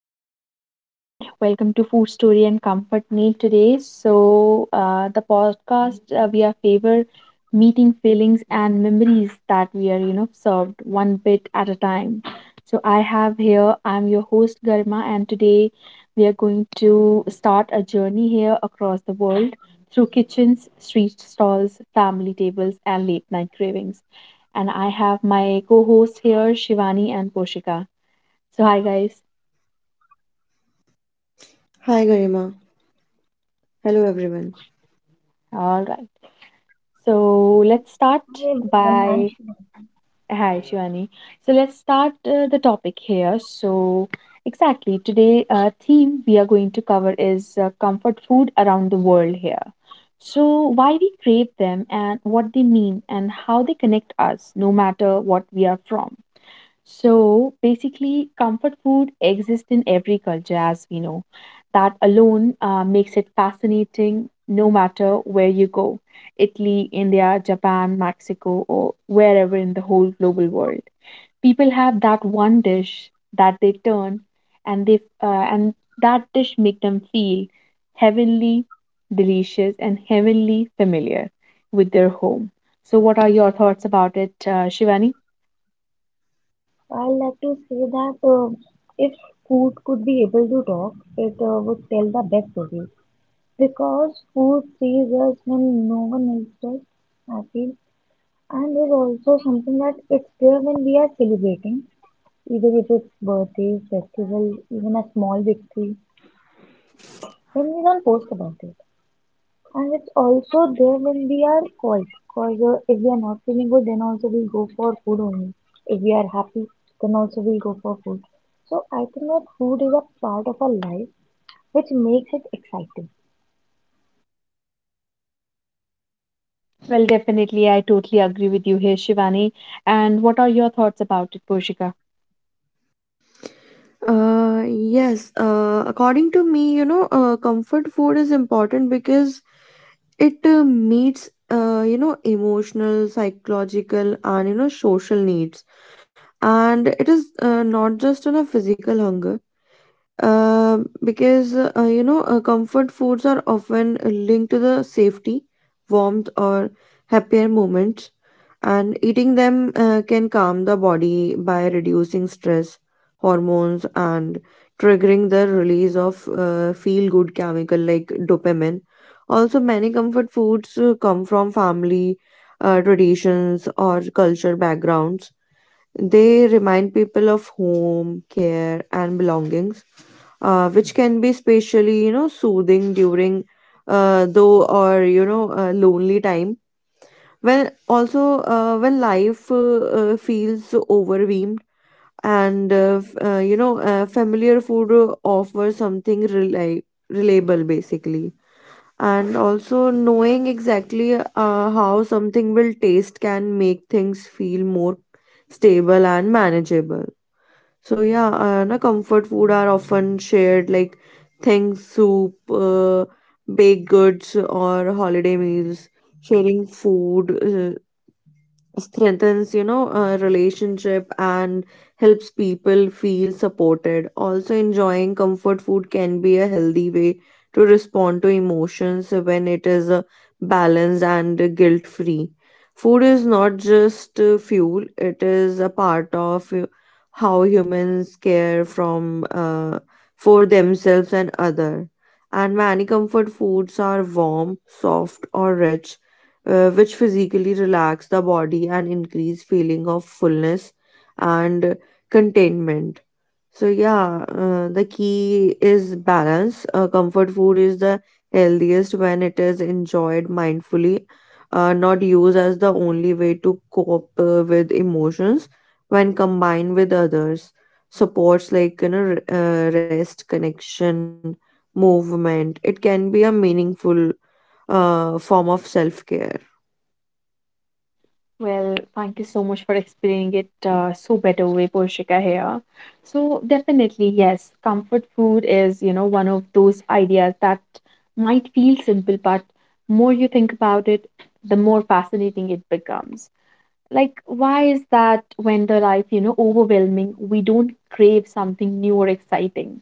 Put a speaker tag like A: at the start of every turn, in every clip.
A: Welcome everyone. Welcome to Food Story and Comfort Meal today. So the podcast we are favor meeting feelings and memories that we are served one bit at a time. So I have here I'm your host Garma, and today we are going to start a journey here across the world through kitchens, street stalls, family tables and late night cravings. And I have my co-hosts here, Shivani and Poshika. So hi guys.
B: Hi, Garima. Hello, everyone.
A: All right. So let's
C: Hi
A: start
C: everyone, I'm
A: by
C: Shiva.
A: hi Shivani. So let's start the topic here. So exactly today theme we are going to cover is comfort food around the world here. So why we crave them and what they mean and how they connect us no matter what we are from. So basically, comfort food exists in every culture, as we know. That alone makes it fascinating no matter where you go, Italy, India, Japan, Mexico, or wherever in the whole global world. People have that one dish that they turn, and that dish make them feel heavenly, delicious and heavenly familiar with their home. So what are your thoughts about it, Shivani?
C: I like to say that if food could be able to talk, it would tell the best story. Because food sees us when no one else does, I feel. And is also something that it's there when we are celebrating, either if it's birthday, festival, even a small victory, when we don't post about it. And it's also there when we are quiet, because if we are not feeling good, then also we go for food only. If we are happy, then also we go for food. So I think that food is a part of our life which makes it exciting.
A: Well, definitely, I totally agree with you here, Shivani. And what are your thoughts about it, Porshika?
B: Yes, according to me, comfort food is important because it meets, emotional, psychological, and, social needs. And it is not just on a physical hunger, because, comfort foods are often linked to the safety, warmth, or happier moments, and eating them can calm the body by reducing stress hormones and triggering the release of feel good chemical like dopamine. Also, many comfort foods come from family traditions or culture backgrounds. They remind people of home care and belongings, which can be especially, you know, soothing during though, or, you know, lonely time. When also, when life feels overwhelmed, and familiar food offers something reliable basically. And also, knowing exactly how something will taste can make things feel more stable and manageable. So yeah, na comfort food are often shared, like things soup, uh, baked goods, or holiday meals. Sharing food strengthens, you know, a relationship and helps people feel supported. Also, enjoying comfort food can be a healthy way to respond to emotions when it is balanced and guilt free. Food is not just fuel, it is a part of how humans care from, for themselves and other. And many comfort foods are warm, soft, or rich, which physically relax the body and increase feeling of fullness and contentment. So yeah, the key is balance. Comfort food is the healthiest when it is enjoyed mindfully, not used as the only way to cope with emotions. When combined with others supports like, you know, rest, connection, movement, it can be a meaningful form of self-care.
A: Well, thank you so much for explaining it so better way, Porshika here. So definitely, yes, comfort food is one of those ideas that might feel simple, but more you think about it, the more fascinating it becomes. Like, why is that when the life overwhelming, we don't crave something new or exciting?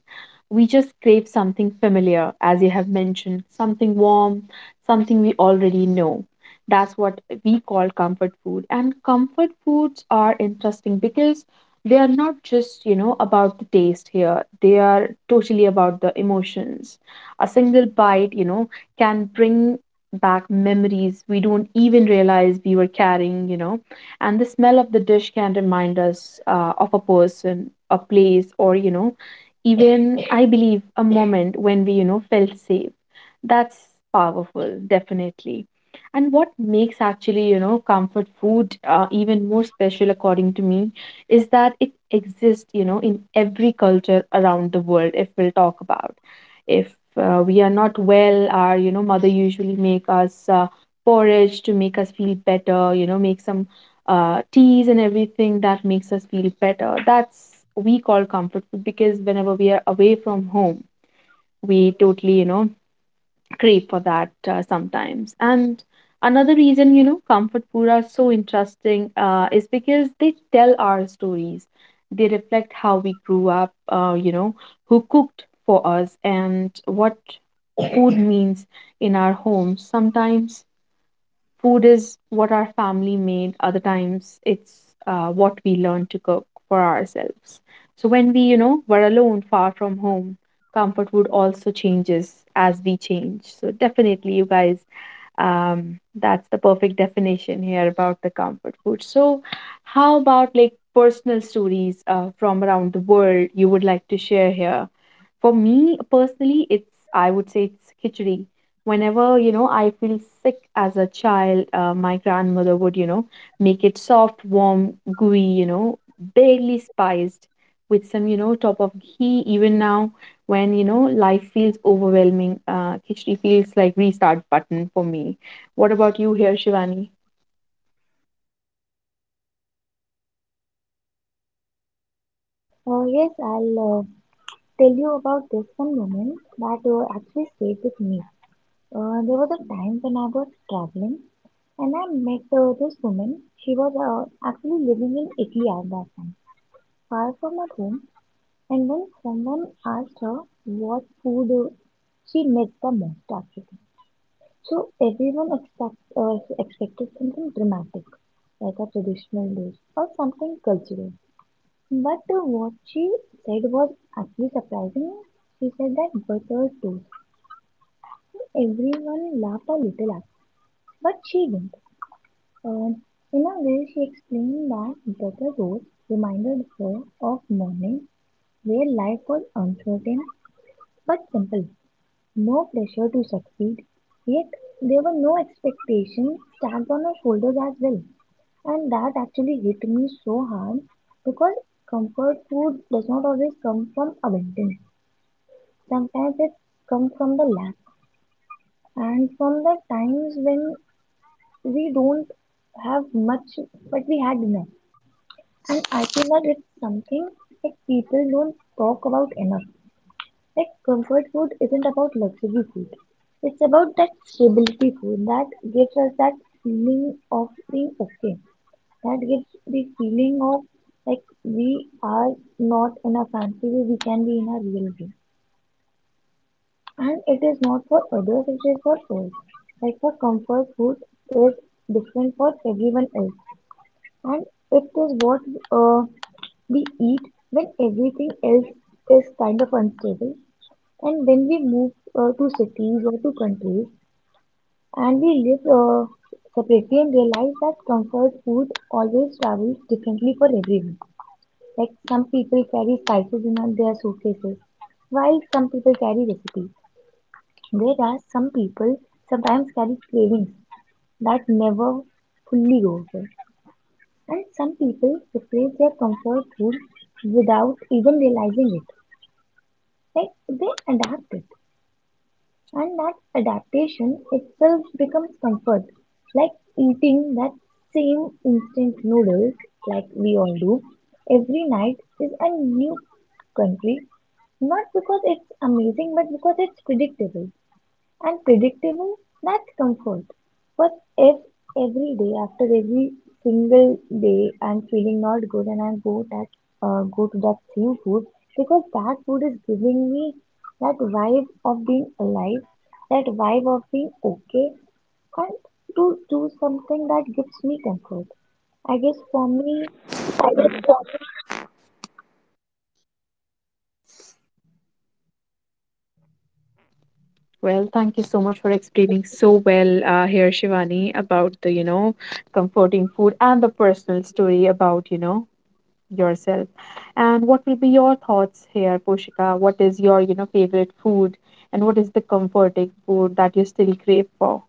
A: We just crave something familiar, as you have mentioned, something warm, something we already know. That's what we call comfort food. And comfort foods are interesting because they are not just about the taste here, they are totally about the emotions. A single bite can bring back memories we don't even realize we were carrying and the smell of the dish can remind us of a person, a place, or even I believe a moment when we felt safe. That's powerful, definitely. And what makes actually comfort food even more special according to me is that it exists in every culture around the world. If we'll talk about, if we are not well, our mother usually make us porridge to make us feel better, make some teas and everything that makes us feel better. That's we call comfort food, because whenever we are away from home, we totally crave for that sometimes. And another reason comfort food are so interesting is because they tell our stories. They reflect how we grew up. Who cooked for us and what food means in our homes. Sometimes food is what our family made, other times it's what we learn to cook for ourselves. So when we were alone, far from home, comfort food also changes as we change. So definitely, you guys, that's the perfect definition here about the comfort food. So, how about like personal stories from around the world you would like to share here? For me personally, it's, I would say, it's khichdi. Whenever I feel sick as a child, my grandmother would make it soft, warm, gooey barely spiced with some top of ghee. Even now, when life feels overwhelming, khichdi feels like restart button for me. What about you here, Shivani?
C: Yes, I'll tell you about this one moment that actually stayed with me. There was a time when I was traveling and I met this woman. She was actually living in Italy at that time, far from her home. And when someone asked her what food she made the most actually. So everyone expected something dramatic, like a traditional dish or something cultural. But what she said was actually surprising. She said that butter toast. Everyone laughed a little at, but she didn't. Um, in a way, she explained that butter toast reminded her of morning where life was uncertain but simple. No pressure to succeed, yet there were no expectations tagged on our shoulders as well. And that actually hit me so hard because comfort food does not always come from abundance. Sometimes it comes from the lack and from the times when we don't have much but we had enough. And I feel that it's something that people don't talk about enough. Like comfort food isn't about luxury food. It's about that stability food that gives us that feeling of being okay. That gives the feeling of like we are not in a fancy way, we can be in a real way. And it is not for others, it is for us. Like for comfort food is different for everyone else. And it is what uh, we eat when everything else is kind of unstable. And when we move to cities or to countries and we live separately and realize that comfort food always travels differently for everyone. Like some people carry spices in their suitcases, while some people carry recipes. There are some people sometimes carry cravings that never fully go away. And some people replace their comfort food without even realizing it. Like they adapt it. And that adaptation itself becomes comfort, like eating that same instant noodles, like we all do, every night is a new country, not because it's amazing, but because it's predictable and predictable, that's comfort. But if every day, after every single day, I'm feeling not good and I go to that same food because that food is giving me that vibe of being alive, that vibe of being okay, and to do something that gives me comfort. I guess for me.
A: Well, thank you so much for explaining so well here, Shivani, about the comforting food and the personal story about yourself. And what will be your thoughts here, Poshika? What is your favorite food, and what is the comforting food that you still crave for?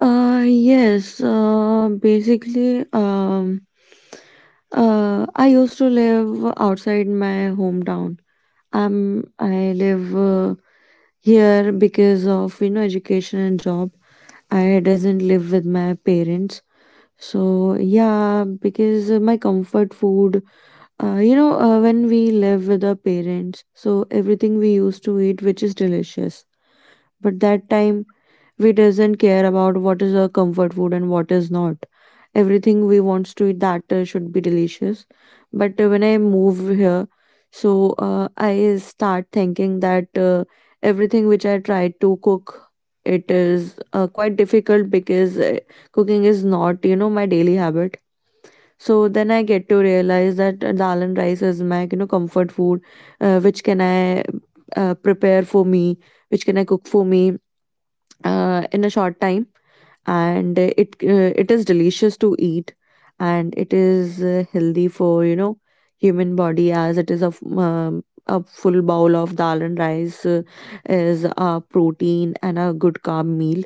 B: Yes, basically, I used to live outside my hometown. I live here because of, you know, education and job. I doesn't live with my parents. So yeah, because my comfort food, when we live with our parents, so everything we used to eat, which is delicious. But that time we doesn't care about what is our comfort food and what is not. Everything we wants to eat that should be delicious. But when I move here, so I start thinking that everything which I try to cook, it is quite difficult because cooking is not, you know, my daily habit. So then I get to realize that dal and rice is my, you know, comfort food, which can I prepare for me, which can I cook for me in a short time. And it is delicious to eat, and it is healthy for, you know, human body, as it is a a full bowl of dal and rice is a protein and a good carb meal.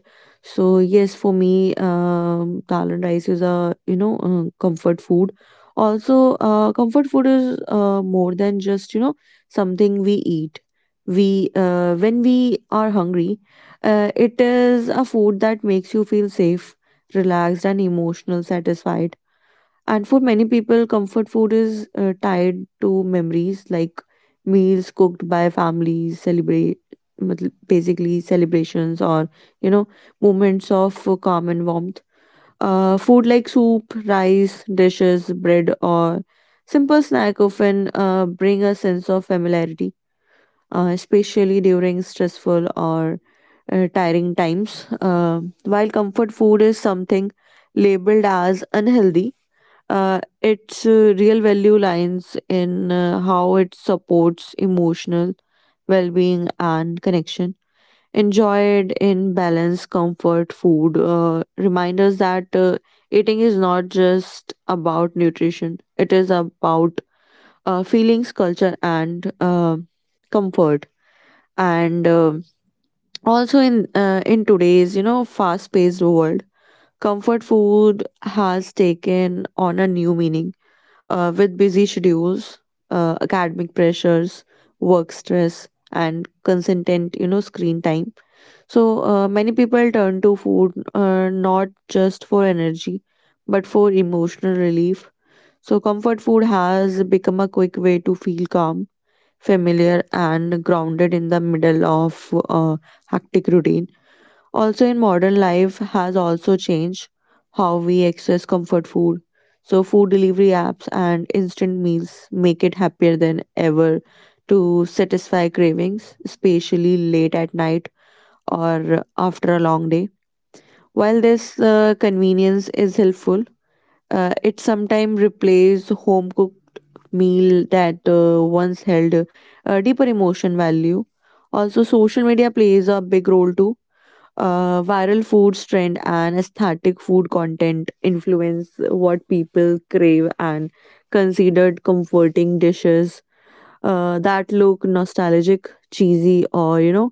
B: So yes, for me, dal and rice is a, you know, comfort food. Also, comfort food is more than just, you know, something we eat. We When we are hungry, it is a food that makes you feel safe, relaxed, and emotional satisfied. And for many people, comfort food is tied to memories, like meals cooked by families, celebrate मतलब basically celebrations, or, you know, moments of calm and warmth. Food like soup, rice, dishes, bread, or simple snack often bring a sense of familiarity, especially during stressful or tiring times. While comfort food is something labeled as unhealthy, its real value lies in how it supports emotional well being and connection. Enjoyed in balance. Comfort food remind us that eating is not just about nutrition, it is about feelings, culture, and comfort. And also, in today's, you know, fast paced world, comfort food has taken on a new meaning, with busy schedules, academic pressures, work stress, and consistent, you know, screen time. So many people turn to food, not just for energy, but for emotional relief. So comfort food has become a quick way to feel calm, familiar, and grounded in the middle of a hectic routine. Also, in modern life, has also changed how we access comfort food. So, food delivery apps and instant meals make it happier than ever to satisfy cravings, especially late at night or after a long day. While this convenience is helpful, it sometimes replaces home cooked meal that once held deeper emotion value. Also, social media plays a big role too. Viral foods trend and aesthetic food content influence what people crave and considered comforting dishes that look nostalgic, cheesy, or, you know,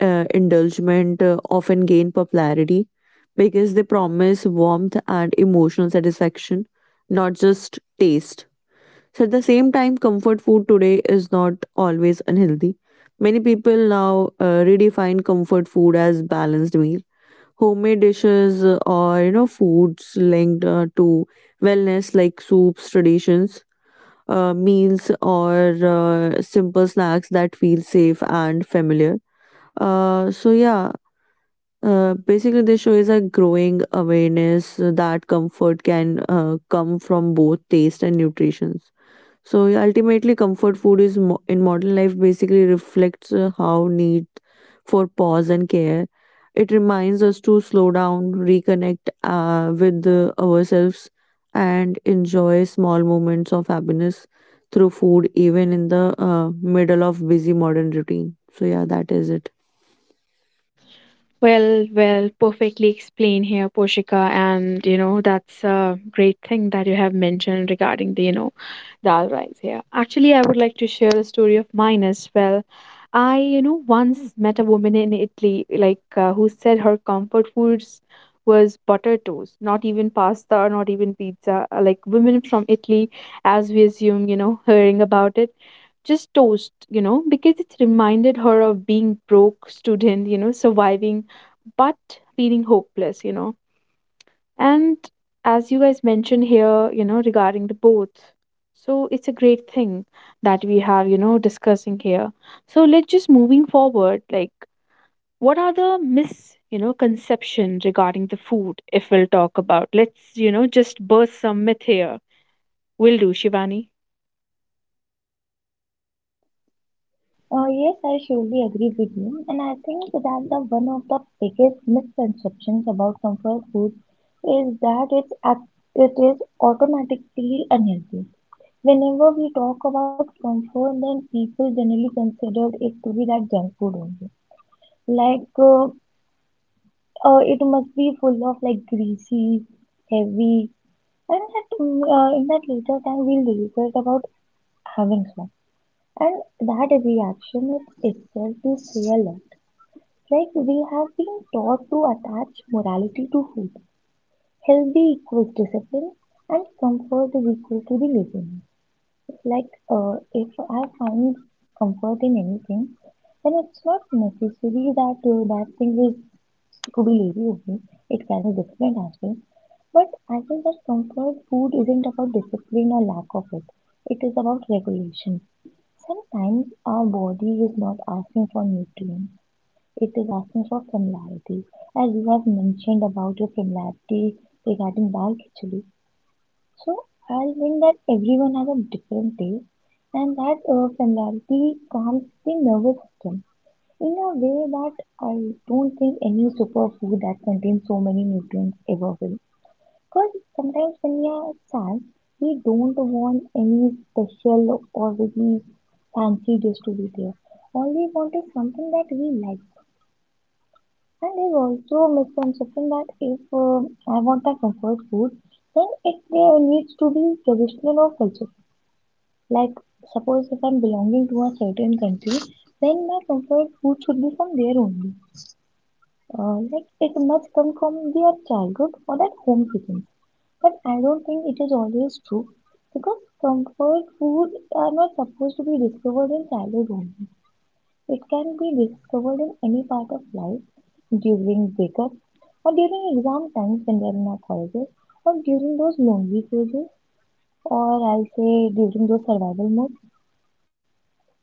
B: indulgent, often gain popularity because they promise warmth and emotional satisfaction, not just taste. So at the same time, comfort food today is not always unhealthy. Many people now redefine comfort food as balanced meal. Homemade dishes, or, you know, foods linked to wellness, like soups, traditions, meals, or simple snacks that feel safe and familiar. So yeah, basically this show is a growing awareness that comfort can come from both taste and nutrition. So yeah, ultimately, comfort food is in modern life basically reflects how need for pause and care. It reminds us to slow down, reconnect with ourselves, and enjoy small moments of happiness through food, even in the middle of busy modern routine. So yeah, that is it.
A: Well, well, perfectly explained here, Poshika. And that's a great thing that you have mentioned regarding the Dal rice, yeah. Actually, I would like to share a story of mine as well. I once met a woman in Italy, like, who said her comfort foods was butter toast, not even pasta, not even pizza. Like, women from Italy, as we assume hearing about it, just toast because it reminded her of being broke student surviving, but feeling hopeless, and as you guys mentioned here regarding the both. So it's a great thing that we have discussing here. So let's just moving forward, like what are the mis conception regarding the food, if we'll talk about. Let's just burst some myth here. Will do, Shivani.
C: Yes, I surely agree with you, and I think that the one of the biggest misconceptions about comfort food is that it is automatically unhealthy. Whenever we talk about comfort, then people generally consider it to be that junk food only. Like uh, it must be full of like greasy, heavy, and that in that later time we'll regret about having some. And that reaction is itself is real. Like we have been taught to attach morality to food. Healthy equals discipline and comfort is equal to the laziness. It's like if I find comfort in anything, then it's not necessary that that thing is to be lazy only. It can be different as well. But I think that comfort food isn't about discipline or lack of it. It is about regulation. Sometimes our body is not asking for nutrients, it is asking for familiarity, as you have mentioned about your familiarity regarding dal khichdi. So I think that everyone has a different taste and that familiarity calms the nervous system in a way that I don't think any superfood that contains so many nutrients ever will, because sometimes when we are sad we don't want any special or really fancy dish to be there. All we want is something that we like. And there's also a misconception that if I want my comfort food, then it needs to be traditional or cultural. Like, suppose if I'm belonging to a certain country, then my comfort food should be from there only. Like, it must come from their childhood or that home cooking. But I don't think it is always true because comfort food are not supposed to be discovered in childhood only. It can be discovered in any part of life, during breakups or during exam times when we are in our colleges or during those lonely phases or I'll say during those survival modes.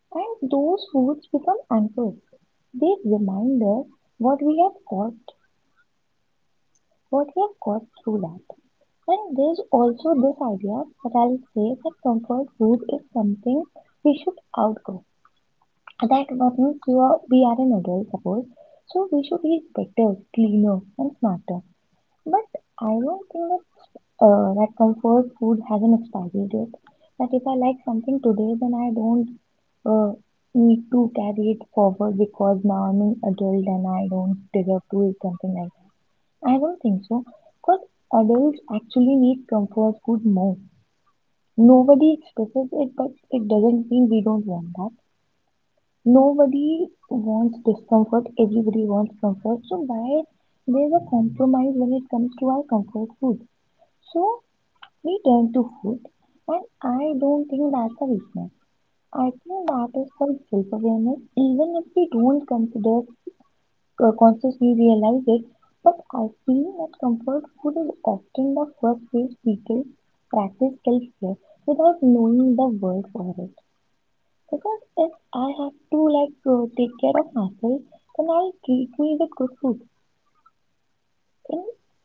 C: And those foods become anchors. They remind us what we have caught, what we have caught through that. And there's also this idea that I'll say that comfort food is something we should outgrow. That what means you are we are an adult, suppose. So we should eat better, cleaner, and smarter. But I don't think that that comfort food has an expiry date. That if I like something today, then I don't uh, need to carry it forward because now I'm an adult and I don't deserve to eat something like that. I don't think so. Because adults actually need comfort food more. Nobody expresses it, but it doesn't mean we don't want that. Nobody wants discomfort, everybody wants comfort. So why there's a compromise when it comes to our comfort food. So we turn to food and I don't think that's a weakness. I think that is called self-awareness. Even if we don't consider consciously realize it, but I feel that comfort food is often the first place people practice self-care without knowing the word for it. Because if I have to like take care of myself, then I'll treat me with good food. In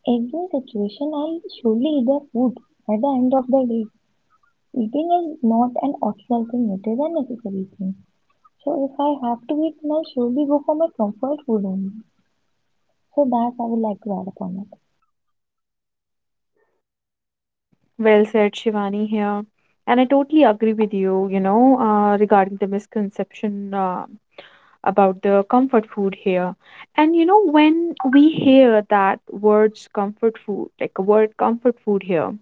C: every situation, I'll surely eat the food. At the end of the day, eating is not an optional thing; it is a necessary thing. So if I have to eat, then I'll surely go for my comfort food only. So that I would like to add upon it.
A: Well said, Shivani here. And I totally agree with you, regarding the misconception. About the comfort food here. And when we hear that words comfort food, like a word comfort food here,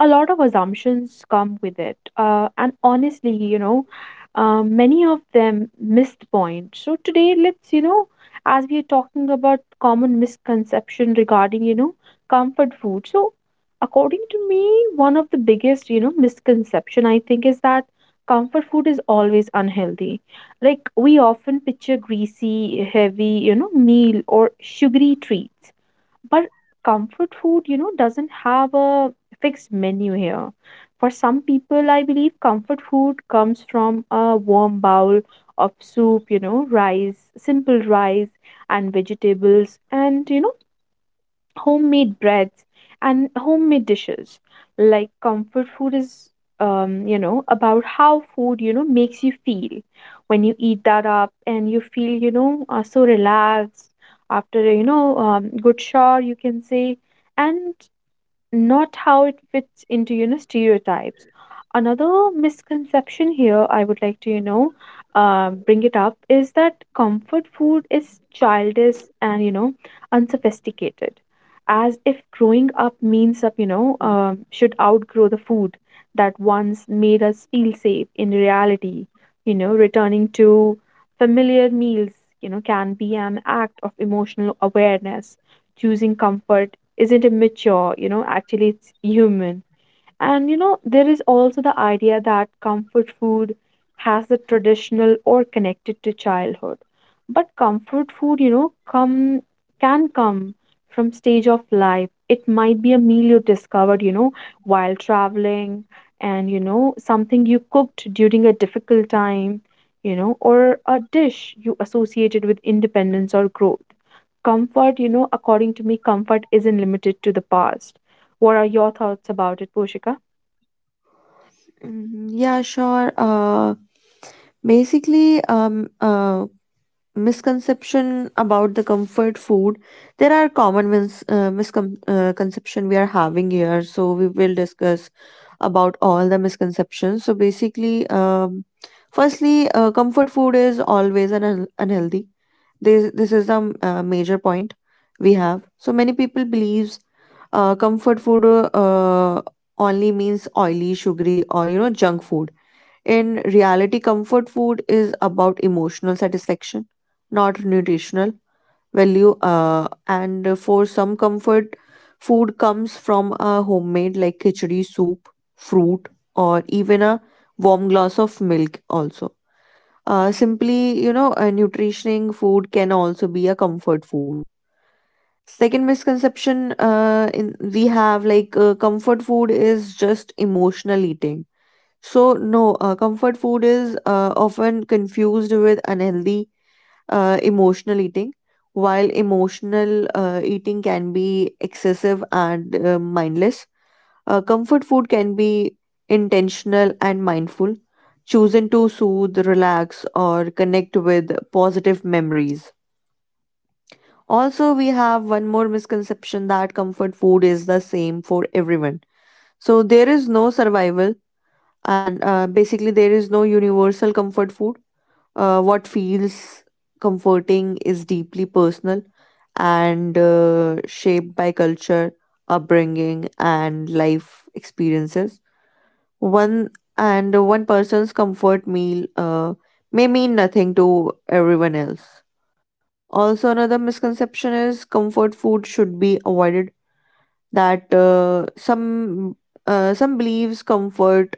A: a lot of assumptions come with it. And honestly, many of them miss the point. So today, let's as we are talking about common misconception regarding comfort food. So according to me, one of the biggest misconception I think is that comfort food is always unhealthy. Like we often picture greasy, heavy meal or sugary treats, but comfort food doesn't have a fixed menu here. For some people, I believe comfort food comes from a warm bowl of soup rice, simple rice and vegetables, and homemade breads and homemade dishes. Like comfort food is about how food makes you feel when you eat that up, and you feel so relaxed after a good shower you can say, and not how it fits into stereotypes. Another misconception here I would like to bring it up is that comfort food is childish and unsophisticated, as if growing up means up should outgrow the food that once made us feel safe. In reality, returning to familiar meals can be an act of emotional awareness. Choosing comfort isn't immature, actually it's human. And there is also the idea that comfort food has the traditional or connected to childhood. But comfort food come can come from stage of life. It might be a meal you discovered while traveling, and something you cooked during a difficult time or a dish you associated with independence or growth. Comfort according to me, comfort isn't limited to the past. What are your thoughts about it, Poshika?
B: Mhm. Yeah, sure. Basically, misconception about the comfort food, there are common misconception we are having here, so we will discuss about all the misconceptions. So basically, firstly, comfort food is always an unhealthy. This is the major point we have. So many people believes comfort food only means oily, sugary, or, you know, junk food. In reality, comfort food is about emotional satisfaction, not nutritional value. And for some, comfort food comes from a homemade like khichdi soup, fruit, or even a warm glass of milk. Also, simply, you know, a nutritioning food can also be a comfort food. Second misconception in, we have, like, comfort food is just emotional eating. So, no, comfort food is often confused with unhealthy emotional eating, while emotional eating can be excessive and mindless. Comfort food can be intentional and mindful, chosen to soothe, relax, or connect with positive memories. Also, we have one more misconception that comfort food is the same for everyone. So, there is no survival, and basically there is no universal comfort food. What feels comforting is deeply personal and shaped by culture, upbringing, and life experiences. One And one person's comfort meal may mean nothing to everyone else. Also, another misconception is comfort food should be avoided. That some Some believes comfort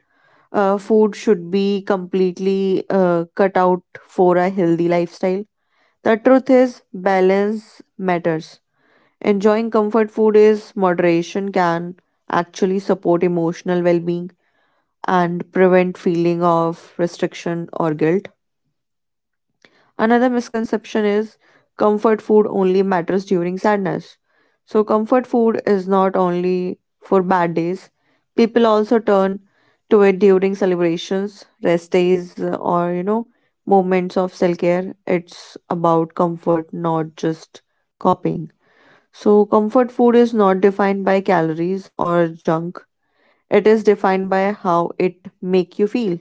B: food should be completely cut out for a healthy lifestyle. The truth is, balance matters. Enjoying comfort food is moderation can actually support emotional well being and prevent feeling of restriction or guilt. Another misconception is comfort food only matters during sadness. So, comfort food is not only for bad days, people also turn to it during celebrations, rest days, or, you know, moments of self care. It's about comfort, not just copying. So, comfort food is not defined by calories or junk, it is defined by how it make you feel.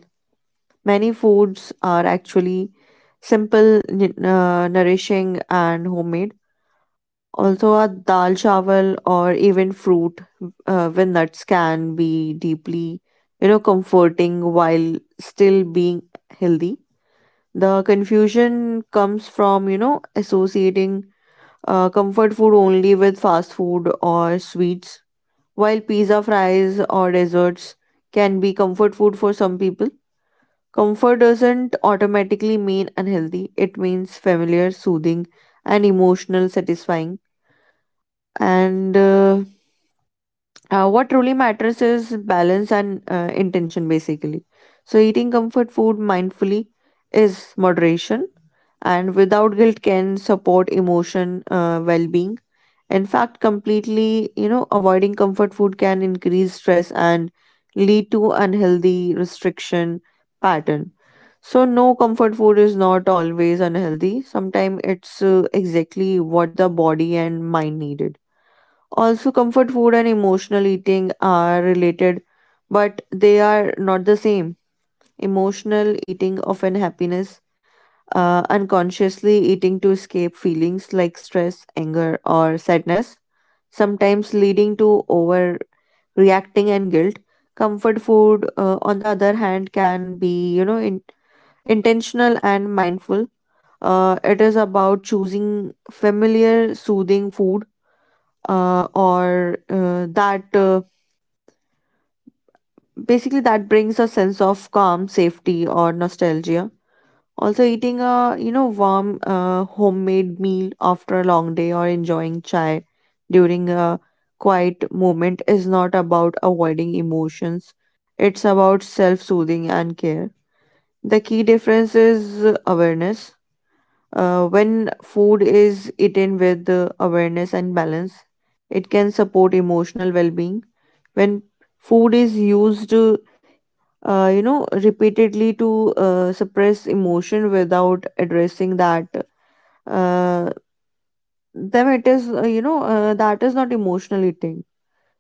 B: Many foods are actually simple, nourishing, and homemade. Also, a dal chawal or even fruit with nuts can be deeply, you know, comforting while still being healthy. The confusion comes from, you know, associating comfort food only with fast food or sweets, while pizza fries or desserts can be comfort food for some people. Comfort doesn't automatically mean unhealthy, it means familiar, soothing, and emotional satisfying. And what truly matters is balance and intention, basically. So, eating comfort food mindfully is moderation, and without guilt can support emotion well being. In fact, completely, you know, avoiding comfort food can increase stress and lead to unhealthy restriction pattern. So, no, comfort food is not always unhealthy. Sometimes it's exactly what the body and mind needed. Also, comfort food and emotional eating are related, but they are not the same. Emotional eating, often happiness, unconsciously eating to escape feelings like stress, anger, or sadness, sometimes leading to overreacting and guilt. Comfort food, on the other hand, can be, you know, intentional and mindful. It is about choosing familiar, soothing food, or that basically that brings a sense of calm, safety, or nostalgia. Also, eating a warm homemade meal after a long day or enjoying chai during a quiet moment is not about avoiding emotions. It's about self-soothing and care. The key difference is awareness. When food is eaten with awareness and balance, it can support emotional well being. When food is used, repeatedly to suppress emotion without addressing that, uh, then it is, you know, that is not emotional eating.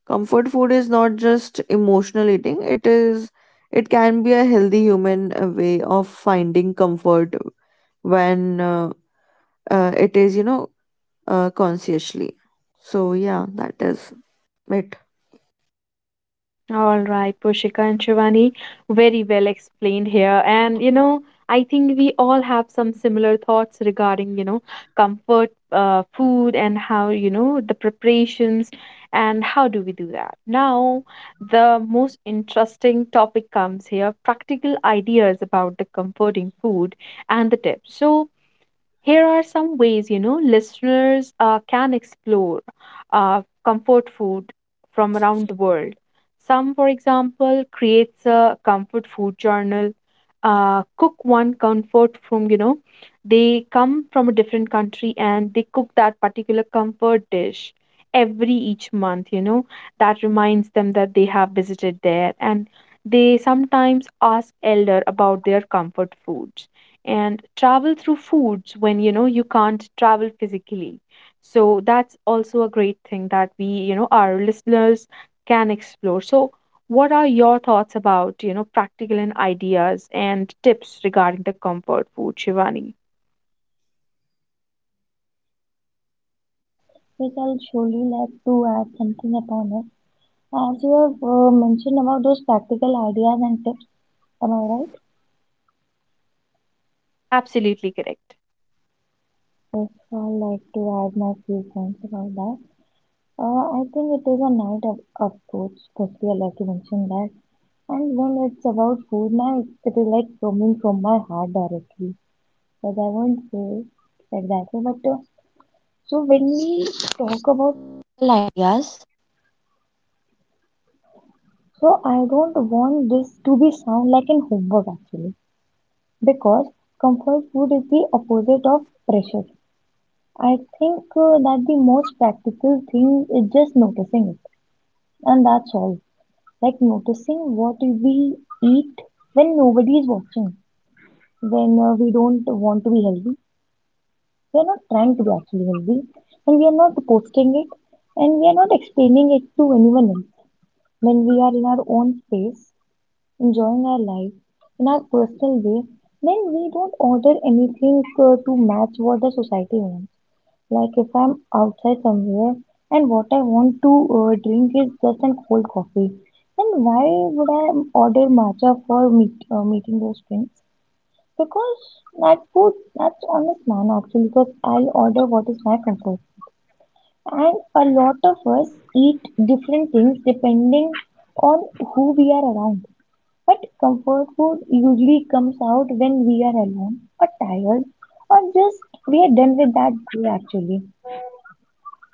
B: Comfort food is not just emotional eating, it can be a healthy human way of finding comfort when it is, consciously. So, yeah, that is it.
A: All right, Pushika and Shivani, very well explained here. And I think we all have some similar thoughts regarding comfort food and how the preparations and how do we do that. Now, the most interesting topic comes here, practical ideas about the comforting food and the tips. So, here are some ways listeners can explore comfort food from around the world. Some, for example, creates a comfort food journal, cook one comfort from, they come from a different country and they cook that particular comfort dish every each month. You know that reminds them that they have visited there, and they sometimes ask elder about their comfort food and travel through foods when you can't travel physically. So that's also a great thing that we, our listeners can explore. So what are your thoughts about practical and ideas and tips regarding the comfort food, Shivani?
C: Yes, I'll surely like to add something upon it. As you have mentioned about those practical ideas and tips, am I right?
A: Absolutely correct.
C: Yes, I'd like to add my few points about that. I think it is a night of foods. Firstly, I like to mention that. And when it's about food night, it is like coming from my heart directly. But I won't say like that way. But So when we talk about ideas. So I don't want this to be sound like an homework actually because comfort food is the opposite of pressure. I think that the most practical thing is just noticing it and that's all. Like noticing what we eat when nobody is watching, when we don't want to be healthy. We are not trying to be actually healthy, and we are not posting it, and we are not explaining it to anyone else. When we are in our own space, enjoying our life in our personal way, then we don't order anything to match what the society wants. Like if I'm outside somewhere and what I want to drink is just a cold coffee, then why would I order matcha for meeting those friends? Because that food, that's honest man actually, because I order what is my comfort. And a lot of us eat different things depending on who we are around. But comfort food usually comes out when we are alone or tired or just we are done with that day actually.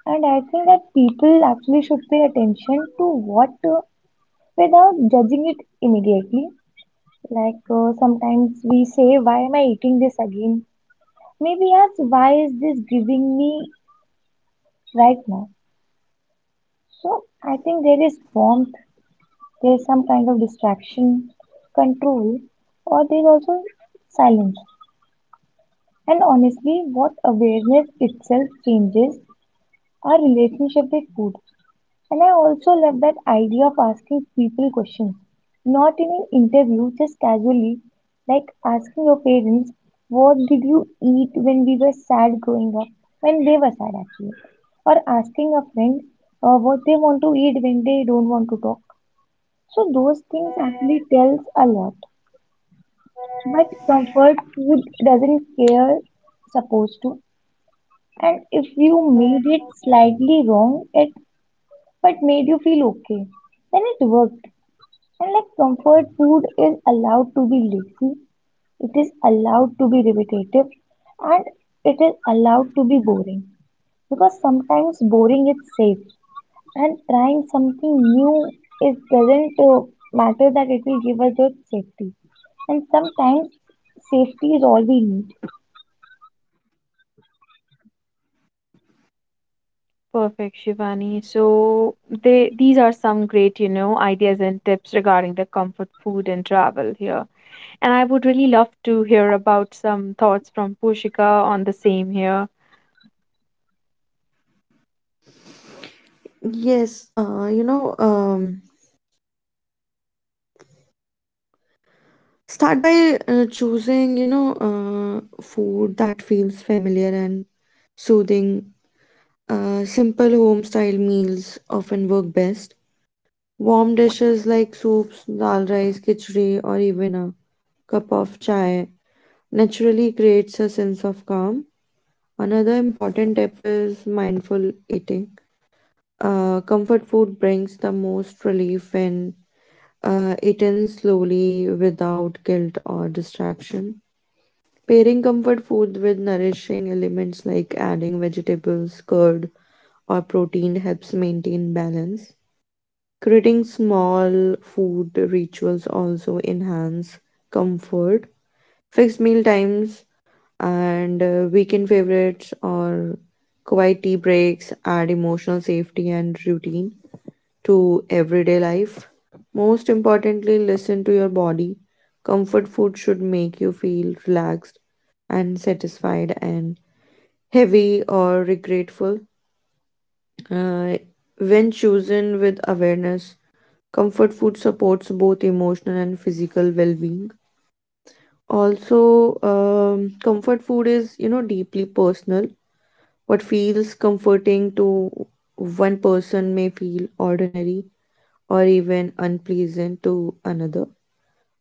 C: And I think that people actually should pay attention to what without judging it immediately. Like sometimes we say, "Why am I eating this again?" Maybe ask, "Why is this giving me right now?" So I think there is warmth, there is some kind of distraction, control, or there is also silence. And honestly, what awareness itself changes our relationship with food. And I also love that idea of asking people questions, not in an interview, just casually, like asking your parents, "What did you eat when we were sad growing up?" When they were sad, actually. Or asking a friend what they want to eat when they don't want to talk. So, those things actually tells a lot. But comfort food doesn't care, supposed to. And if you made it slightly wrong, it but made you feel okay, then it worked. And like comfort food is allowed to be lazy, it is allowed to be repetitive, and it is allowed to be boring. Because sometimes boring is safe, and trying something new is doesn't matter that it will give us just safety. And sometimes safety is all we need.
A: Perfect, Shivani. So they these are some great ideas and tips regarding the comfort food and travel here, and I would really love to hear about some thoughts from Pushika on the same here.
B: Yes, start by choosing, food that feels familiar and soothing. Simple home style meals often work best. Warm dishes like soups, dal rice, khichdi, or even a cup of chai naturally creates a sense of calm. Another important tip is mindful eating. Comfort food brings the most relief when eaten slowly without guilt or distraction. Pairing comfort food with nourishing elements like adding vegetables, curd, or protein helps maintain balance. Creating small food rituals also enhance comfort. Fixed meal times and weekend favorites or quiet tea breaks add emotional safety and routine to everyday life. Most importantly, listen to your body. Comfort food should make you feel relaxed and satisfied and heavy or regretful. Uh, when chosen with awareness, comfort food supports both emotional and physical well being. Also, comfort food is, you know, deeply personal. What feels comforting to one person may feel ordinary or even unpleasant to another.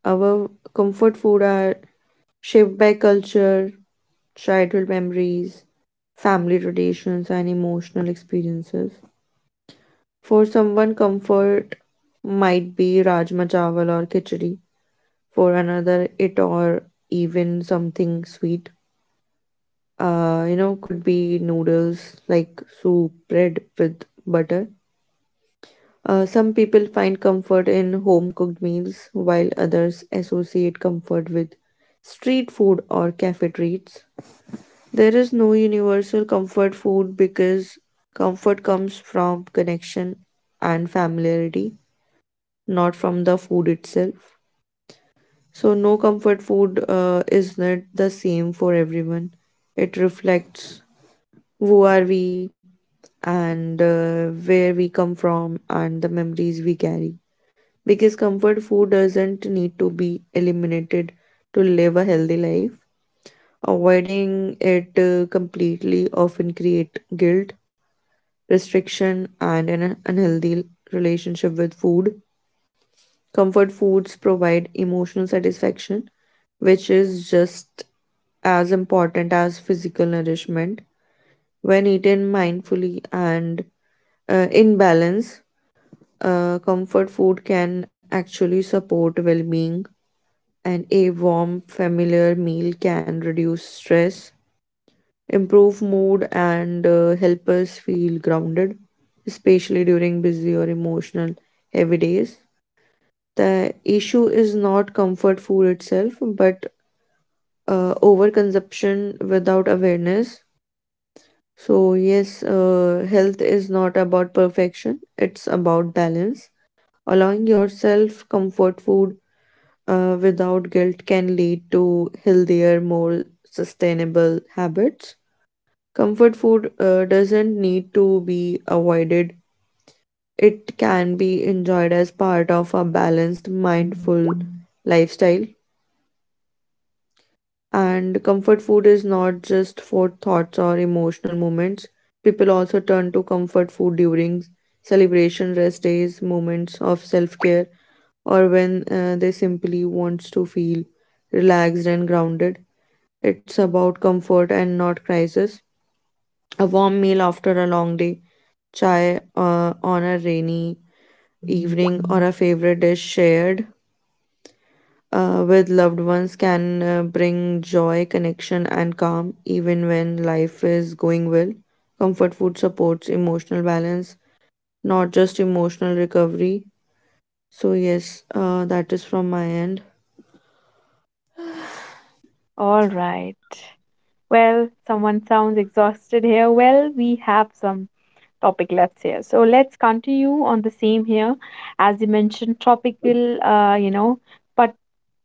B: Our comfort food are shaped by culture, childhood memories, family traditions, and emotional experiences. For someone, comfort might be Rajma Chawal or Khichdi. For another, it or even something sweet. You know, could be noodles like soup, bread with butter. Some people find comfort in home cooked meals, while others associate comfort with street food or cafe treats. There is no universal comfort food because comfort comes from connection and familiarity, not from the food itself. So, no, comfort food is not the same for everyone. It reflects who are we and where we come from and the memories we carry. Because comfort food doesn't need to be eliminated to live a healthy life. Avoiding it completely often create guilt, restriction, and an unhealthy relationship with food. Comfort foods provide emotional satisfaction, which is just as important as physical nourishment. When eaten mindfully and in balance, comfort food can actually support well being, and a warm, familiar meal can reduce stress, improve mood, and help us feel grounded, especially during busy or emotional heavy days. The issue is not comfort food itself, but overconsumption without awareness. So, yes, health is not about perfection, it's about balance. Allowing yourself comfort food without guilt can lead to healthier, more sustainable habits. Comfort food doesn't need to be avoided, it can be enjoyed as part of a balanced, mindful lifestyle. And comfort food is not just for thoughts or emotional moments. People also turn to comfort food during celebration, rest days, moments of self care, or when they simply want to feel relaxed and grounded. It's about comfort and not crisis. A warm meal after a long day, chai on a rainy evening, or a favorite dish shared with loved ones can bring joy, connection, and calm even when life is going well. Comfort food supports emotional balance, not just emotional recovery. So, yes, that is from my end.
A: All right. Well, someone sounds exhausted here. Well, we have some topic left here. So let's continue on the same here. As you mentioned, topical, but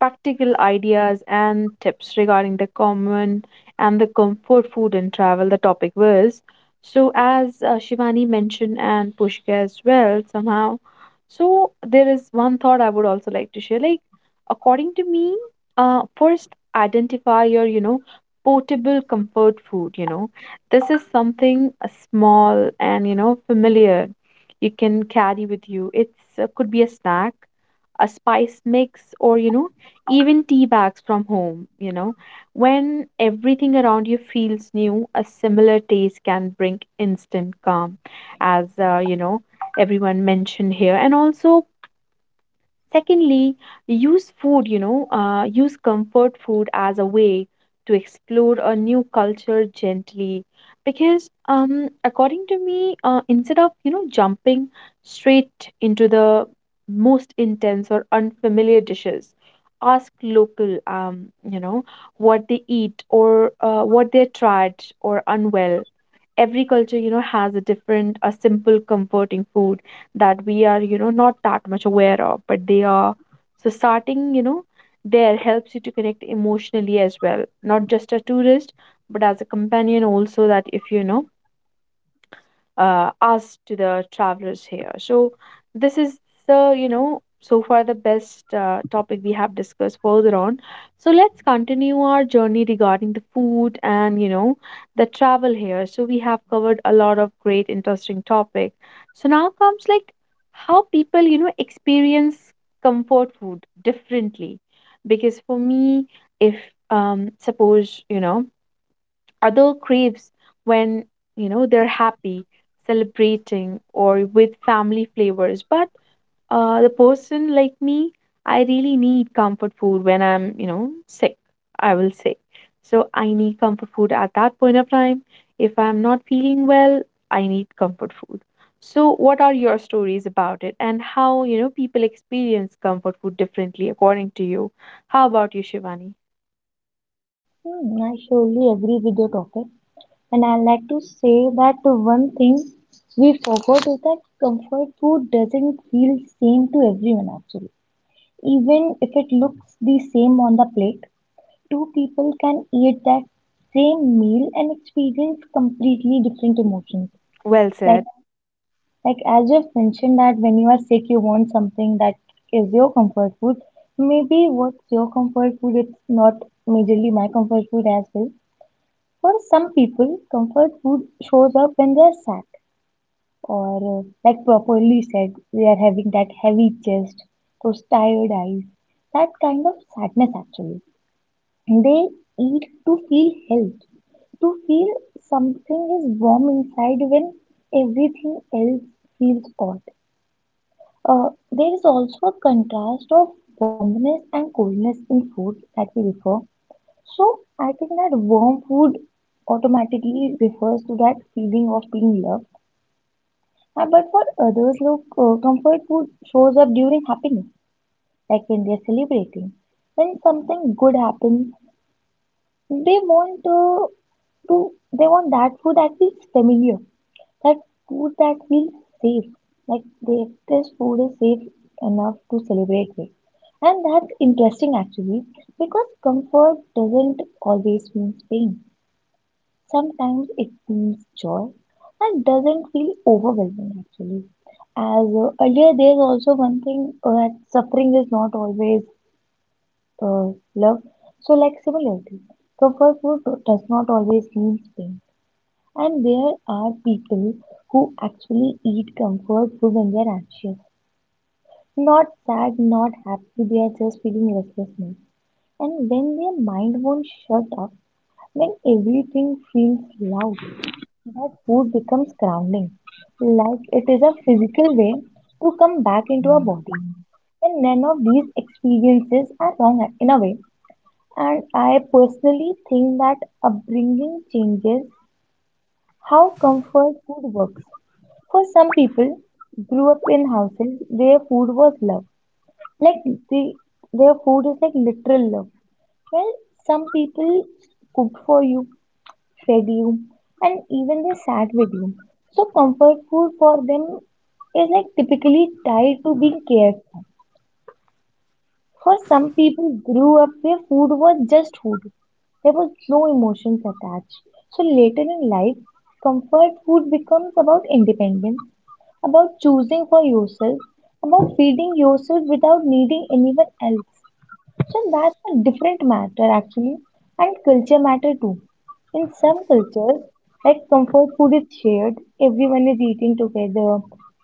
A: practical ideas and tips regarding the common and the comfort food and travel, the topic was. So, as Shivani mentioned and Pushka as well, somehow. So, there is one thought I would also like to share. Like, according to me, first identify your portable comfort food. This is something small and familiar you can carry with you. It's could be a snack, a spice mix, or even tea bags from home. You know, when everything around you feels new, a similar taste can bring instant calm, as everyone mentioned here. And also secondly, use food, use comfort food as a way to explore a new culture gently. Because according to me, instead of, you know, jumping straight into the most intense or unfamiliar dishes, ask local, you know, what they eat or what they tried or unwell. Every culture, you know, has a different a simple comforting food that we are, you know, not that much aware of, but they are. So starting, you know, there helps you to connect emotionally as well, not just a tourist but as a companion also. That if you know, us to the travelers here. So this is the, you know, so far the best topic we have discussed further on. So let's continue our journey regarding the food and, you know, the travel here. So we have covered a lot of great interesting topic. So now comes like how people, you know, experience comfort food differently. Because for me, if suppose, you know, other craves when, you know, they're happy celebrating or with family flavors. But the person like me, I really need comfort food when I'm, you know, sick, I will say. So I need comfort food at that point of time. If I'm not feeling well, I need comfort food. So what are your stories about it, and how, you know, people experience comfort food differently according to you? How about you, Shivani?
C: Hmm, I surely agree with your topic, and I like to say that the one thing we forgot is that comfort food doesn't feel same to everyone actually. Even if it looks the same on the plate, two people can eat that same meal and experience completely different emotions.
A: Well
C: Like
A: said.
C: like as you've mentioned, that when you are sick you want something that is your comfort food. Maybe what's your comfort food it's not majorly my comfort food as well. For some people, comfort food shows up when they're sad or like properly said, they are having that heavy chest, those tired eyes, that kind of sadness actually. They eat to feel helped, to feel something is warm inside when everything else feels hot. There is also a contrast of warmness and coldness in food that we refer. So I think that warm food automatically refers to that feeling of being loved. But for others, look, comfort food shows up during happiness, like when they are celebrating. When something good happens, they want to they want that food that feels familiar, that food that feels safe, like they express food is safe enough to celebrate with. And that's interesting actually, because comfort doesn't always mean pain, sometimes it means joy and doesn't feel overwhelming actually. As earlier, there's also one thing that suffering is not always uh, love. So, like similarly, comfort food does not always mean pain, and there are people who actually eat comfort food when they are anxious, not sad, not happy. They are just feeling restlessness, and when their mind won't shut up, when everything feels loud, that food becomes grounding, like it is a physical way to come back into our body. And none of these experiences are wrong in a way. And I personally think that upbringing changes how comfort food works. For some people, grew up in houses where food was love, like the, their food is like literal love. Well, some people cooked for you, fed you, and even they sat with you. So comfort food for them is like typically tied to being cared for. For some people grew up where food was just food. There was no emotions attached. So later in life, comfort food becomes about independence, about choosing for yourself, about feeding yourself without needing anyone else. So that's a different matter actually, and culture matter too. In some cultures, like comfort food is shared, everyone is eating together,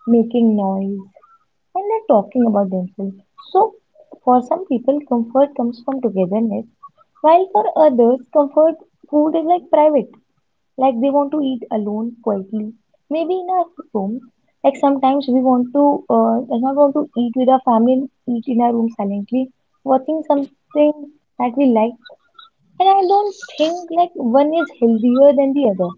C: making noise, and they're talking about themselves. So, for some people, comfort comes from togetherness, while for others, comfort food is like private, like they want to eat alone quietly, maybe in our room. Like sometimes we want to, does not want to eat with our family, and eat in our room silently, watching something that we like. And I don't think like one is healthier than the other.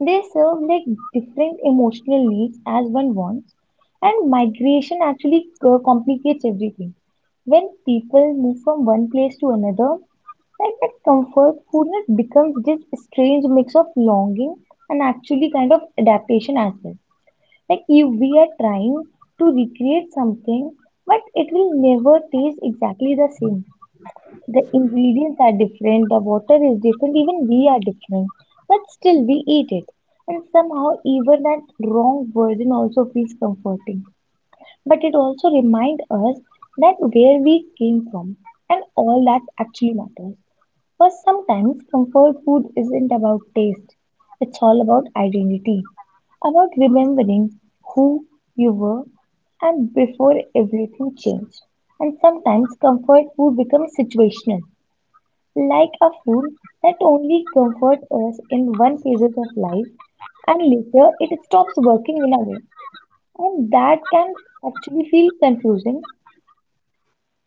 C: They serve like different emotional needs as one wants, and migration actually complicates everything. When people move from one place to another, like that comfort food net becomes this strange mix of longing and actually kind of adaptation as well. Like if we are trying to recreate something, but it will never taste exactly the same, the ingredients are different, the water is different, even we are different, but still we eat it. And somehow, even that wrong version also feels comforting. But it also reminds us that where we came from and all that actually matters. Because sometimes comfort food isn't about taste, it's all about identity, about remembering who you were and before everything changed. And sometimes comfort food becomes situational, like a food that only comforts us in one phase of life and later it stops working in a way. And that can actually feel confusing,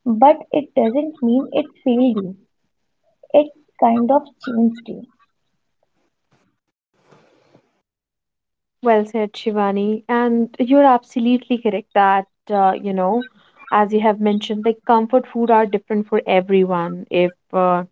C: but it doesn't mean it failed you. It kind of changed you.
A: Well said, Shivani. And you're absolutely correct that, you know, as you have mentioned, like comfort food are different for everyone. If,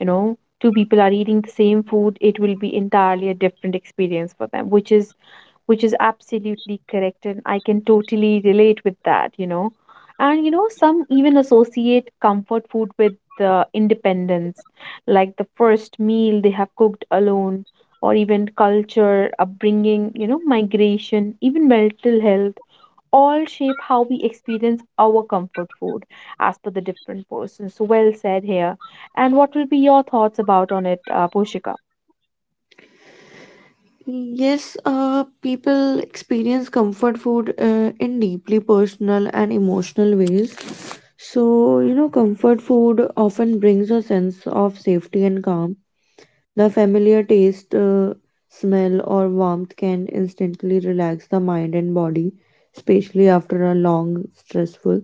A: you know, two people are eating the same food, it will be entirely a different experience for them, which is absolutely correct, and I can totally relate with that, you know. And you know, some even associate comfort food with independence, like the first meal they have cooked alone, or even culture, upbringing, you know, migration, even mental health, all shape how we experience our comfort food as per the different persons. So well said here. And what will be your thoughts about on it, Poshika?
B: Yes, people experience comfort food in deeply personal and emotional ways. So, you know, comfort food often brings a sense of safety and calm. The familiar taste, smell, or warmth can instantly relax the mind and body, especially after a long, stressful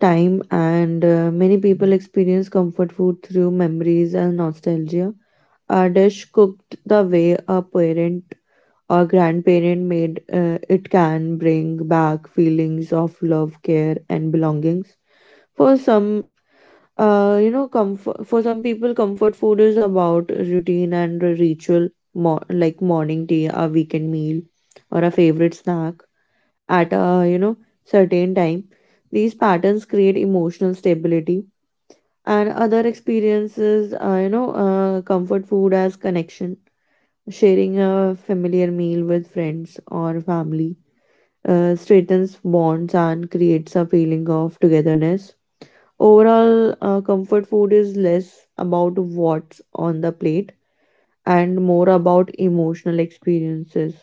B: time. And many people experience comfort food through memories and nostalgia. A dish cooked the way a parent or grandparent made it can bring back feelings of love care and belongings for some you know comfort for some people. Comfort food is about routine and a ritual, like morning tea, a weekend meal, or a favorite snack at a, you know, certain time. These patterns create emotional stability, and other experiences comfort food as connection. Sharing a familiar meal with friends or family strengthens bonds and creates a feeling of togetherness. Overall, comfort food is less about what's on the plate and more about emotional experiences.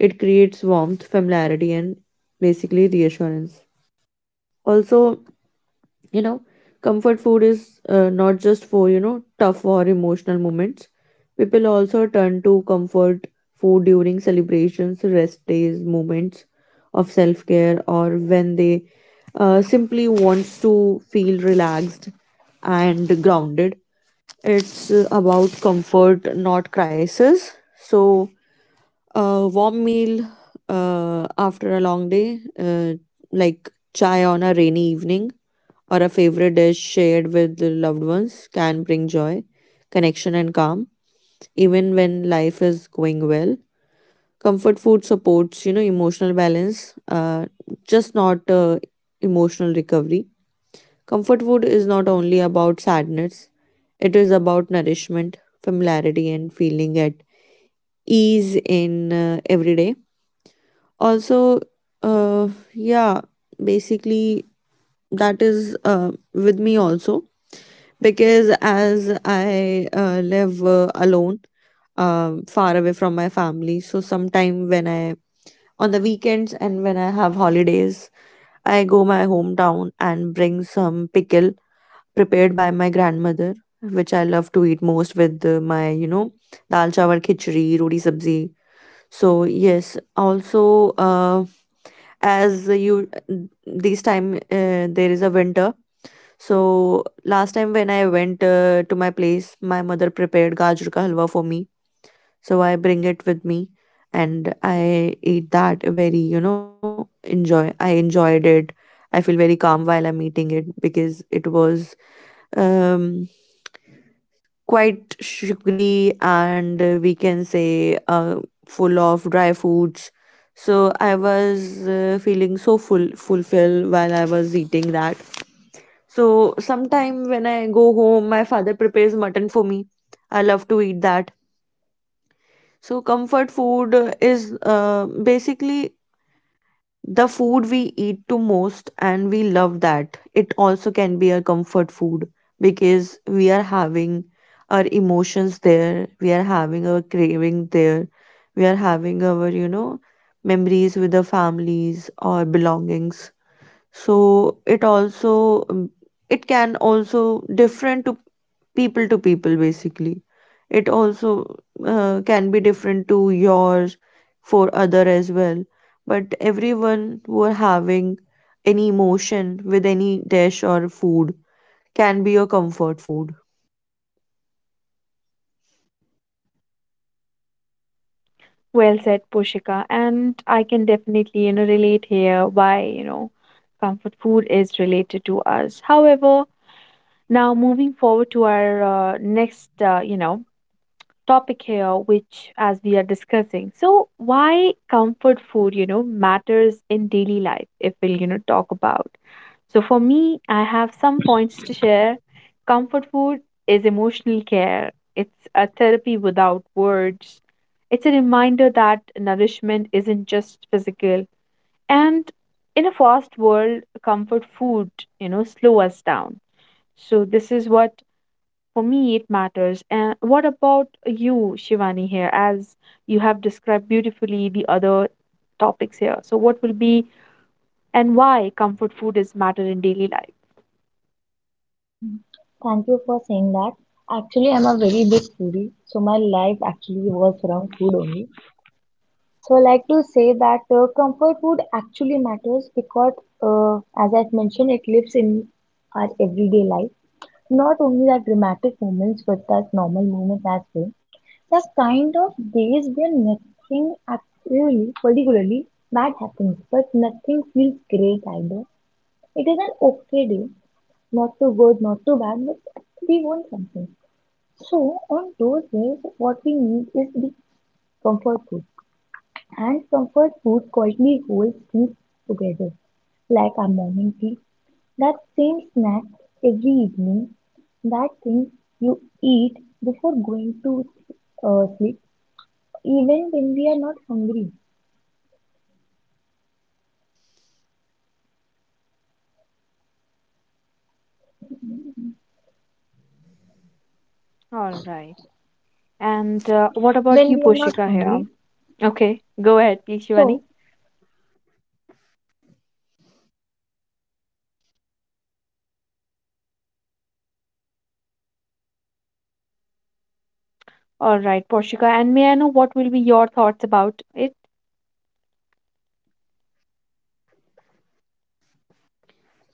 B: It creates warmth, familiarity, and basically reassurance. Also, you know, comfort food is not just for, you know, tough or emotional moments. People also turn to comfort food during celebrations, rest days, moments of self-care, or when they simply wants to feel relaxed and grounded. It's about comfort, not crisis. So a warm meal after a long day, like chai on a rainy evening, or a favorite dish shared with the loved ones can bring joy, connection, and calm, even when life is going well. Comfort food supports, you know, emotional balance, just not emotional recovery. Comfort food is not only about sadness, it is about nourishment, familiarity, and feeling at ease in everyday. Also, uh, yeah, basically, that is with me also because as I live alone, far away from my family, so sometime when I on the weekends and when I have holidays, I go my hometown and bring some pickle prepared by my grandmother, which I love to eat most with my, you know, dal chawar khichdi, roti sabzi. So yes, also uh, as you this time there is a winter. So last time when I went to my place, my mother prepared gajar ka halwa for me, so I bring it with me and I eat that very, you know, enjoy I enjoyed it. I feel very calm while I'm eating it because it was um quite sugary, and we can say full of dry foods. So I was feeling so full fulfilled while I was eating that. So sometime when I go home my father prepares mutton for me, I love to eat that. So, comfort food is basically the food we eat to most, and we love that. It also can be a comfort food because we are having our emotions there, we are having our craving there, we are having our, you know, memories with the families or belongings, so it also, it can also different to people basically. It also can be different to yours for other as well, but everyone who are having any emotion with any dish or food can be your comfort food.
A: Well said, Pushika. And I can definitely, you know, relate here why, you know, comfort food is related to us. However, now moving forward to our next, you know, topic here, which as we are discussing, so why comfort food, you know, matters in daily life, if we'll, you know, talk about. So for me, I have some points to share. Comfort food is emotional care. It's a therapy without words. It's a reminder that nourishment isn't just physical. And in a fast world, comfort food, you know, slow us down. So this is what, for me, it matters. And what about you, Shivani, here, as you have described beautifully the other topics here? So what will be and why comfort food is matter in daily life?
C: Hmm. Thank you for saying that. Actually, I'm a very big foodie, so my life actually was around food only. So I like to say that comfort food actually matters because, uh, as I've mentioned, it lives in our everyday life, not only that dramatic moments but that normal moments as well. There's kind of days where nothing actually particularly bad happens, but nothing feels great either. It is an okay day, not too good, not too bad, but we want something. So on those days, what we need is the comfort food, and comfort food quietly holds things together, like our morning tea, that same snack every evening, that thing you eat before going to sleep, even when we.
A: All right. And what about you, Poshika, here? Okay, go ahead, please, Shivani. All right, Poshika. And may I know what will be your thoughts about it?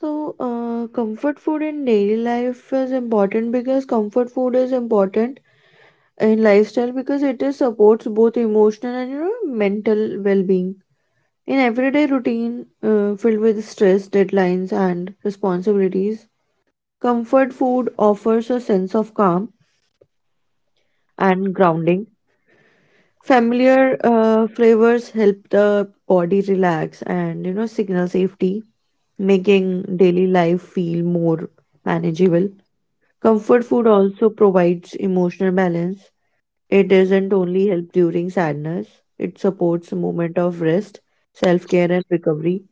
B: So comfort food in daily life is important because comfort food is important in lifestyle because it is supports both emotional and, you know, mental well-being. In everyday routine filled with stress, deadlines, and responsibilities, comfort food offers a sense of calm and grounding. Familiar flavors help the body relax and, you know, signal safety, making daily life feel more manageable. Comfort food also provides emotional balance. It doesn't only help during sadness, it supports a moment of rest, self-care, and recovery.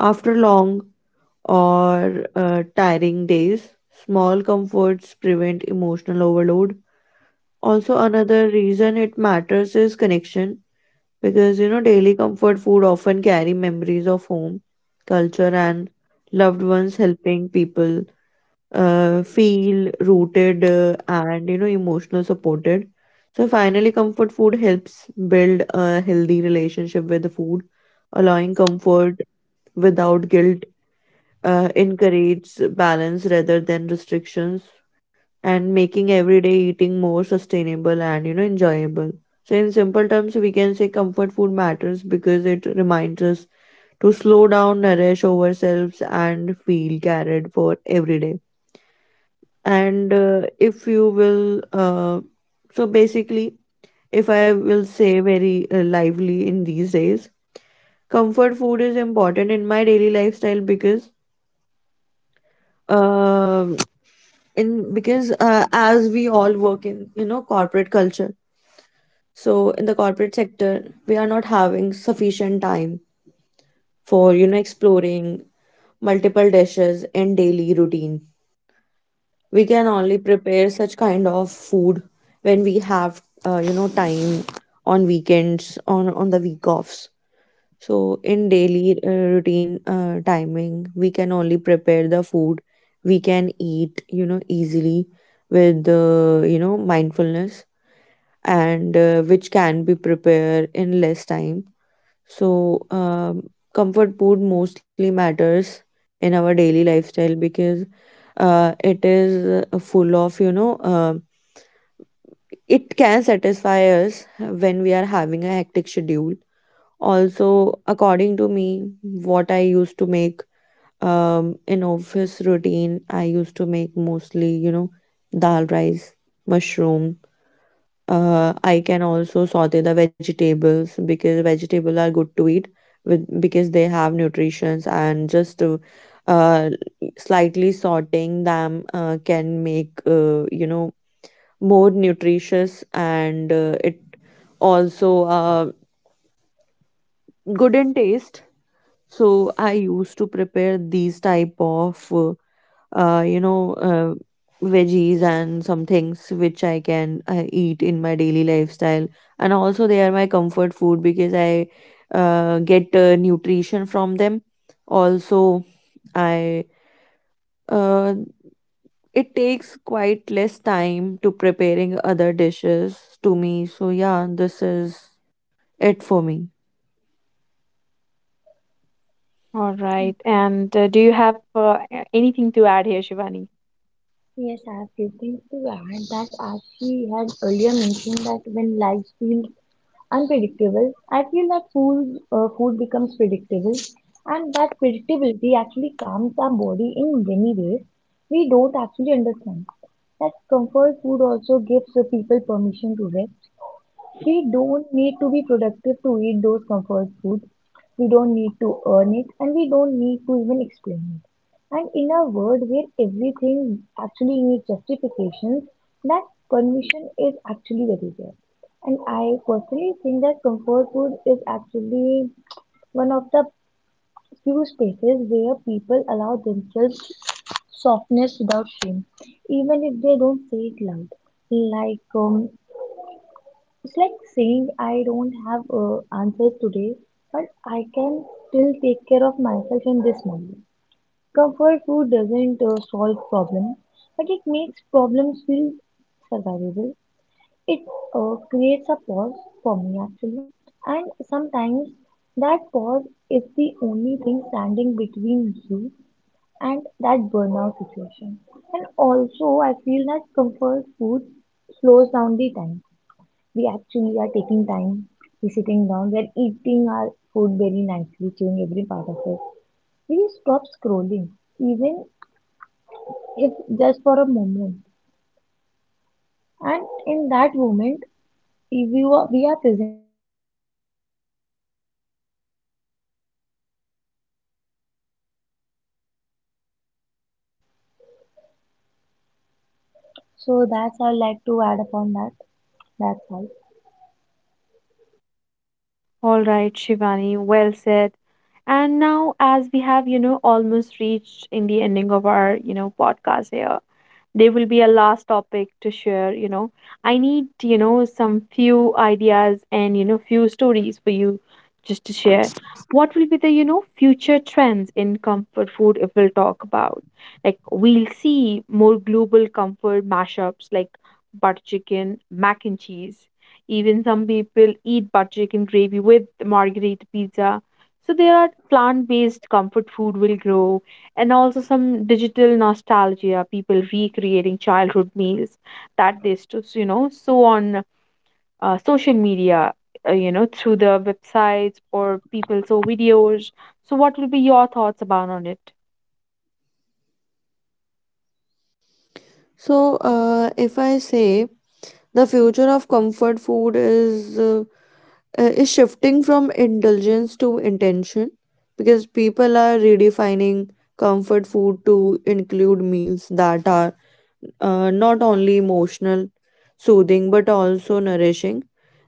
B: After long or tiring days. Small comforts prevent emotional overload. Also, another reason it matters is connection, because, you know, daily comfort food often carry memories of home, culture, and loved ones helping people feel rooted and, you know, emotional supported. So, finally, comfort food helps build a healthy relationship with the food, allowing comfort without guilt encourages balance rather than restrictions, and making everyday eating more sustainable and, you know, enjoyable. So in simple terms we can say comfort food matters because it reminds us to slow down, nourish ourselves, and feel cared for every day. And if you will so basically, if I will say very lively in these days, comfort food is important in my daily lifestyle because, um in because as we all work in, you know, corporate culture, so in the corporate sector we are not having sufficient time for, you know, exploring multiple dishes and daily routine. We can only prepare such kind of food when we have you know, time on weekends, on the week offs. So, in daily routine timing, we can only prepare the food we can eat, you know, easily with, you know, mindfulness and which can be prepared in less time. So, comfort food mostly matters in our daily lifestyle because it is full of, it can satisfy us when we are having a hectic schedule. Also, according to me, what I used to make in office routine, I used to make mostly, you know, dal rice, mushroom. I can also saute the vegetables because vegetables are good to eat with because they have nutritions, and just uh, slightly sauteing them can make you know, more nutritious, and it also good in taste. So I used to prepare these type of uh, you know uh, veggies and some things which I can eat in my daily lifestyle, and also they are my comfort food because I get nutrition from them. Also, I uh, it takes quite less time to preparing other dishes to me, so yeah, this is it for me.
A: All right. And do you have anything to add here, Shivani?
C: Yes, I have few things to add, that as we had earlier mentioned, that when life feels unpredictable, I feel that food becomes predictable, and that predictability actually calms our body in many ways we don't actually understand. That comfort food also gives the people permission to rest. We don't need to be productive to eat those comfort foods. We don't need to earn it and we don't need to even explain it. And in a world where everything actually needs justifications, that permission is actually very rare. And I personally think that comfort food is actually one of the few spaces where people allow themselves softness without shame, even if they don't say it loud. Like it's like saying I don't have answers today, but I can still take care of myself in this moment. Comfort food doesn't solve problems, but it makes problems feel survivable. It creates a pause for me actually, and sometimes that pause is the only thing standing between you and that burnout situation. And also, I feel that comfort food slows down the time, we actually are taking time, we're sitting down, we're eating our food very nicely, chewing every part of it. We stop scrolling, even if just for a moment. And in that moment, if you are, we are present. That presence matters more than we give it credit for. So that's all I'd like to add upon that. That's all.
A: All right, Shivani, well said. And now, as we have, you know, almost reached in the ending of our, you know, podcast here, they will be a last topic to share, you know. I need, you know, some few ideas and, you know, few stories for you just to share. What will be the, you know, future trends in comfort food, if we'll talk about? Like, we'll see more global comfort mashups like butter chicken mac and cheese. Even some people eat butter chicken gravy with margarita pizza. So there are plant-based comfort food will grow. And also some digital nostalgia, people recreating childhood meals that they you know, so on social media, you know, through the websites or people saw videos. So what will be your thoughts about on it?
B: So, if I say the future of comfort food is shifting from indulgence to intention because people are redefining comfort food to include meals that are not only emotional, soothing, but also nourishing.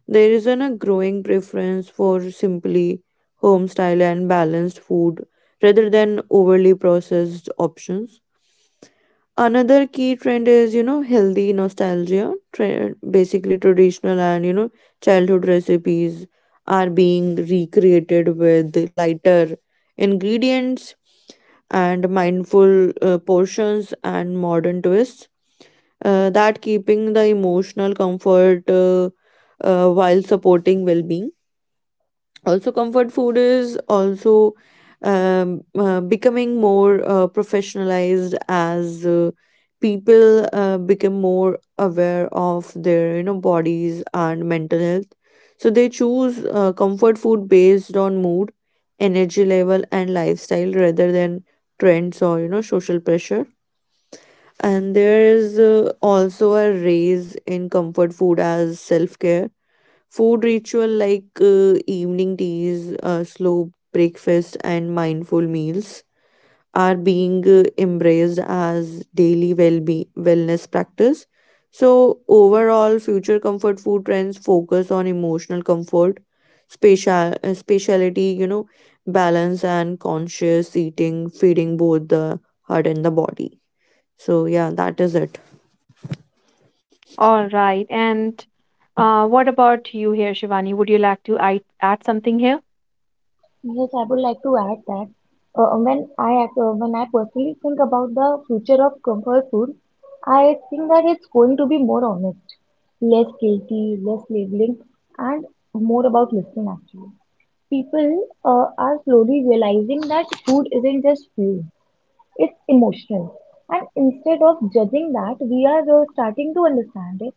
B: There is a growing preference for simply home style and balanced food rather than overly processed options. Another key trend is, you know, healthy nostalgia. Basically, traditional and, you know, childhood recipes are being recreated with lighter ingredients and mindful portions and modern twists. That keeping the emotional comfort while supporting well being. Also comfort food is also, becoming more professionalized, as people become more aware of their, you know, bodies and mental health, so they choose comfort food based on mood, energy level, and lifestyle rather than trends or, you know, social pressure. And there is also a raise in comfort food as self care. Food ritual like evening teas, slow breakfast, and mindful meals are being embraced as daily well-being wellness practice. So overall, future comfort food trends focus on emotional comfort, spatiality, you know, balance and conscious eating, feeding both the heart and the body. So yeah, that is it.
A: All right. And what about you here, Shivani? Would you like to add something here?
C: Yes, I would like to add that when I ac- when I personally think about the future of comfort food, I think that it's going to be more honest, less guilty, less labeling, and more about listening. Actually, people are slowly realizing that food isn't just fuel; it's emotional. And instead of judging that, we are starting to understand it.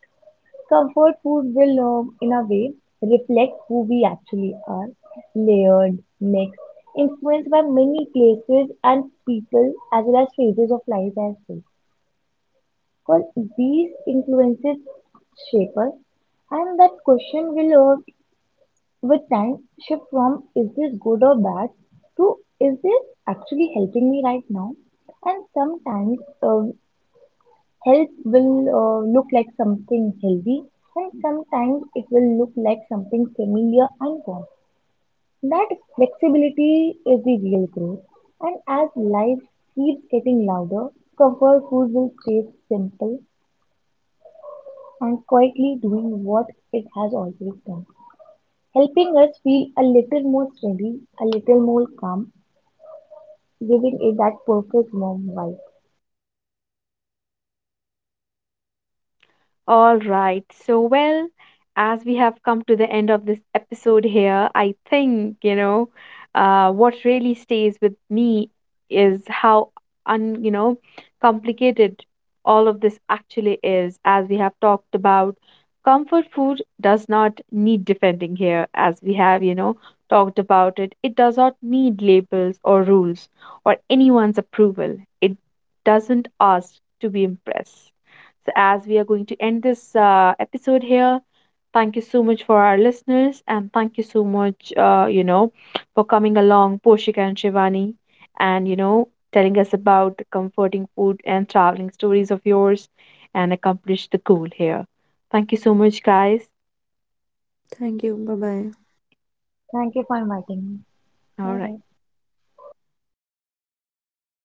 C: Comfort food will, in a way, reflect who we actually are, layered, mixed, influenced by many places and people, as well as phases of life as well. Because these influences shape us, and that question will, with time, shift from is this good or bad to is this actually helping me right now? And sometimes uh, health will look like something healthy and sometimes it will look like something familiar and warm. That flexibility is the real growth. And as life keeps getting louder, comfort food will stay simple and quietly doing what it has always done, helping us feel a little more steady, a little more calm, giving it that perfect warm vibe.
A: All right. So, well, as we have come to the end of this episode here, I think, you know, what really stays with me is how you know, complicated all of this actually is. As we have talked about, comfort food does not need defending here. As we have, you know, talked about it, it does not need labels or rules or anyone's approval. It doesn't ask to be impressed. As we are going to end this episode here, thank you so much for our listeners. And thank you so much, you know, for coming along, Poshika and Shivani, and you know, telling us about the comforting food and traveling stories of yours, and accomplish the goal here. Thank you so much, guys.
B: Thank you. Bye bye.
C: Thank you for inviting me.
A: All
C: Bye
A: right.
C: bye.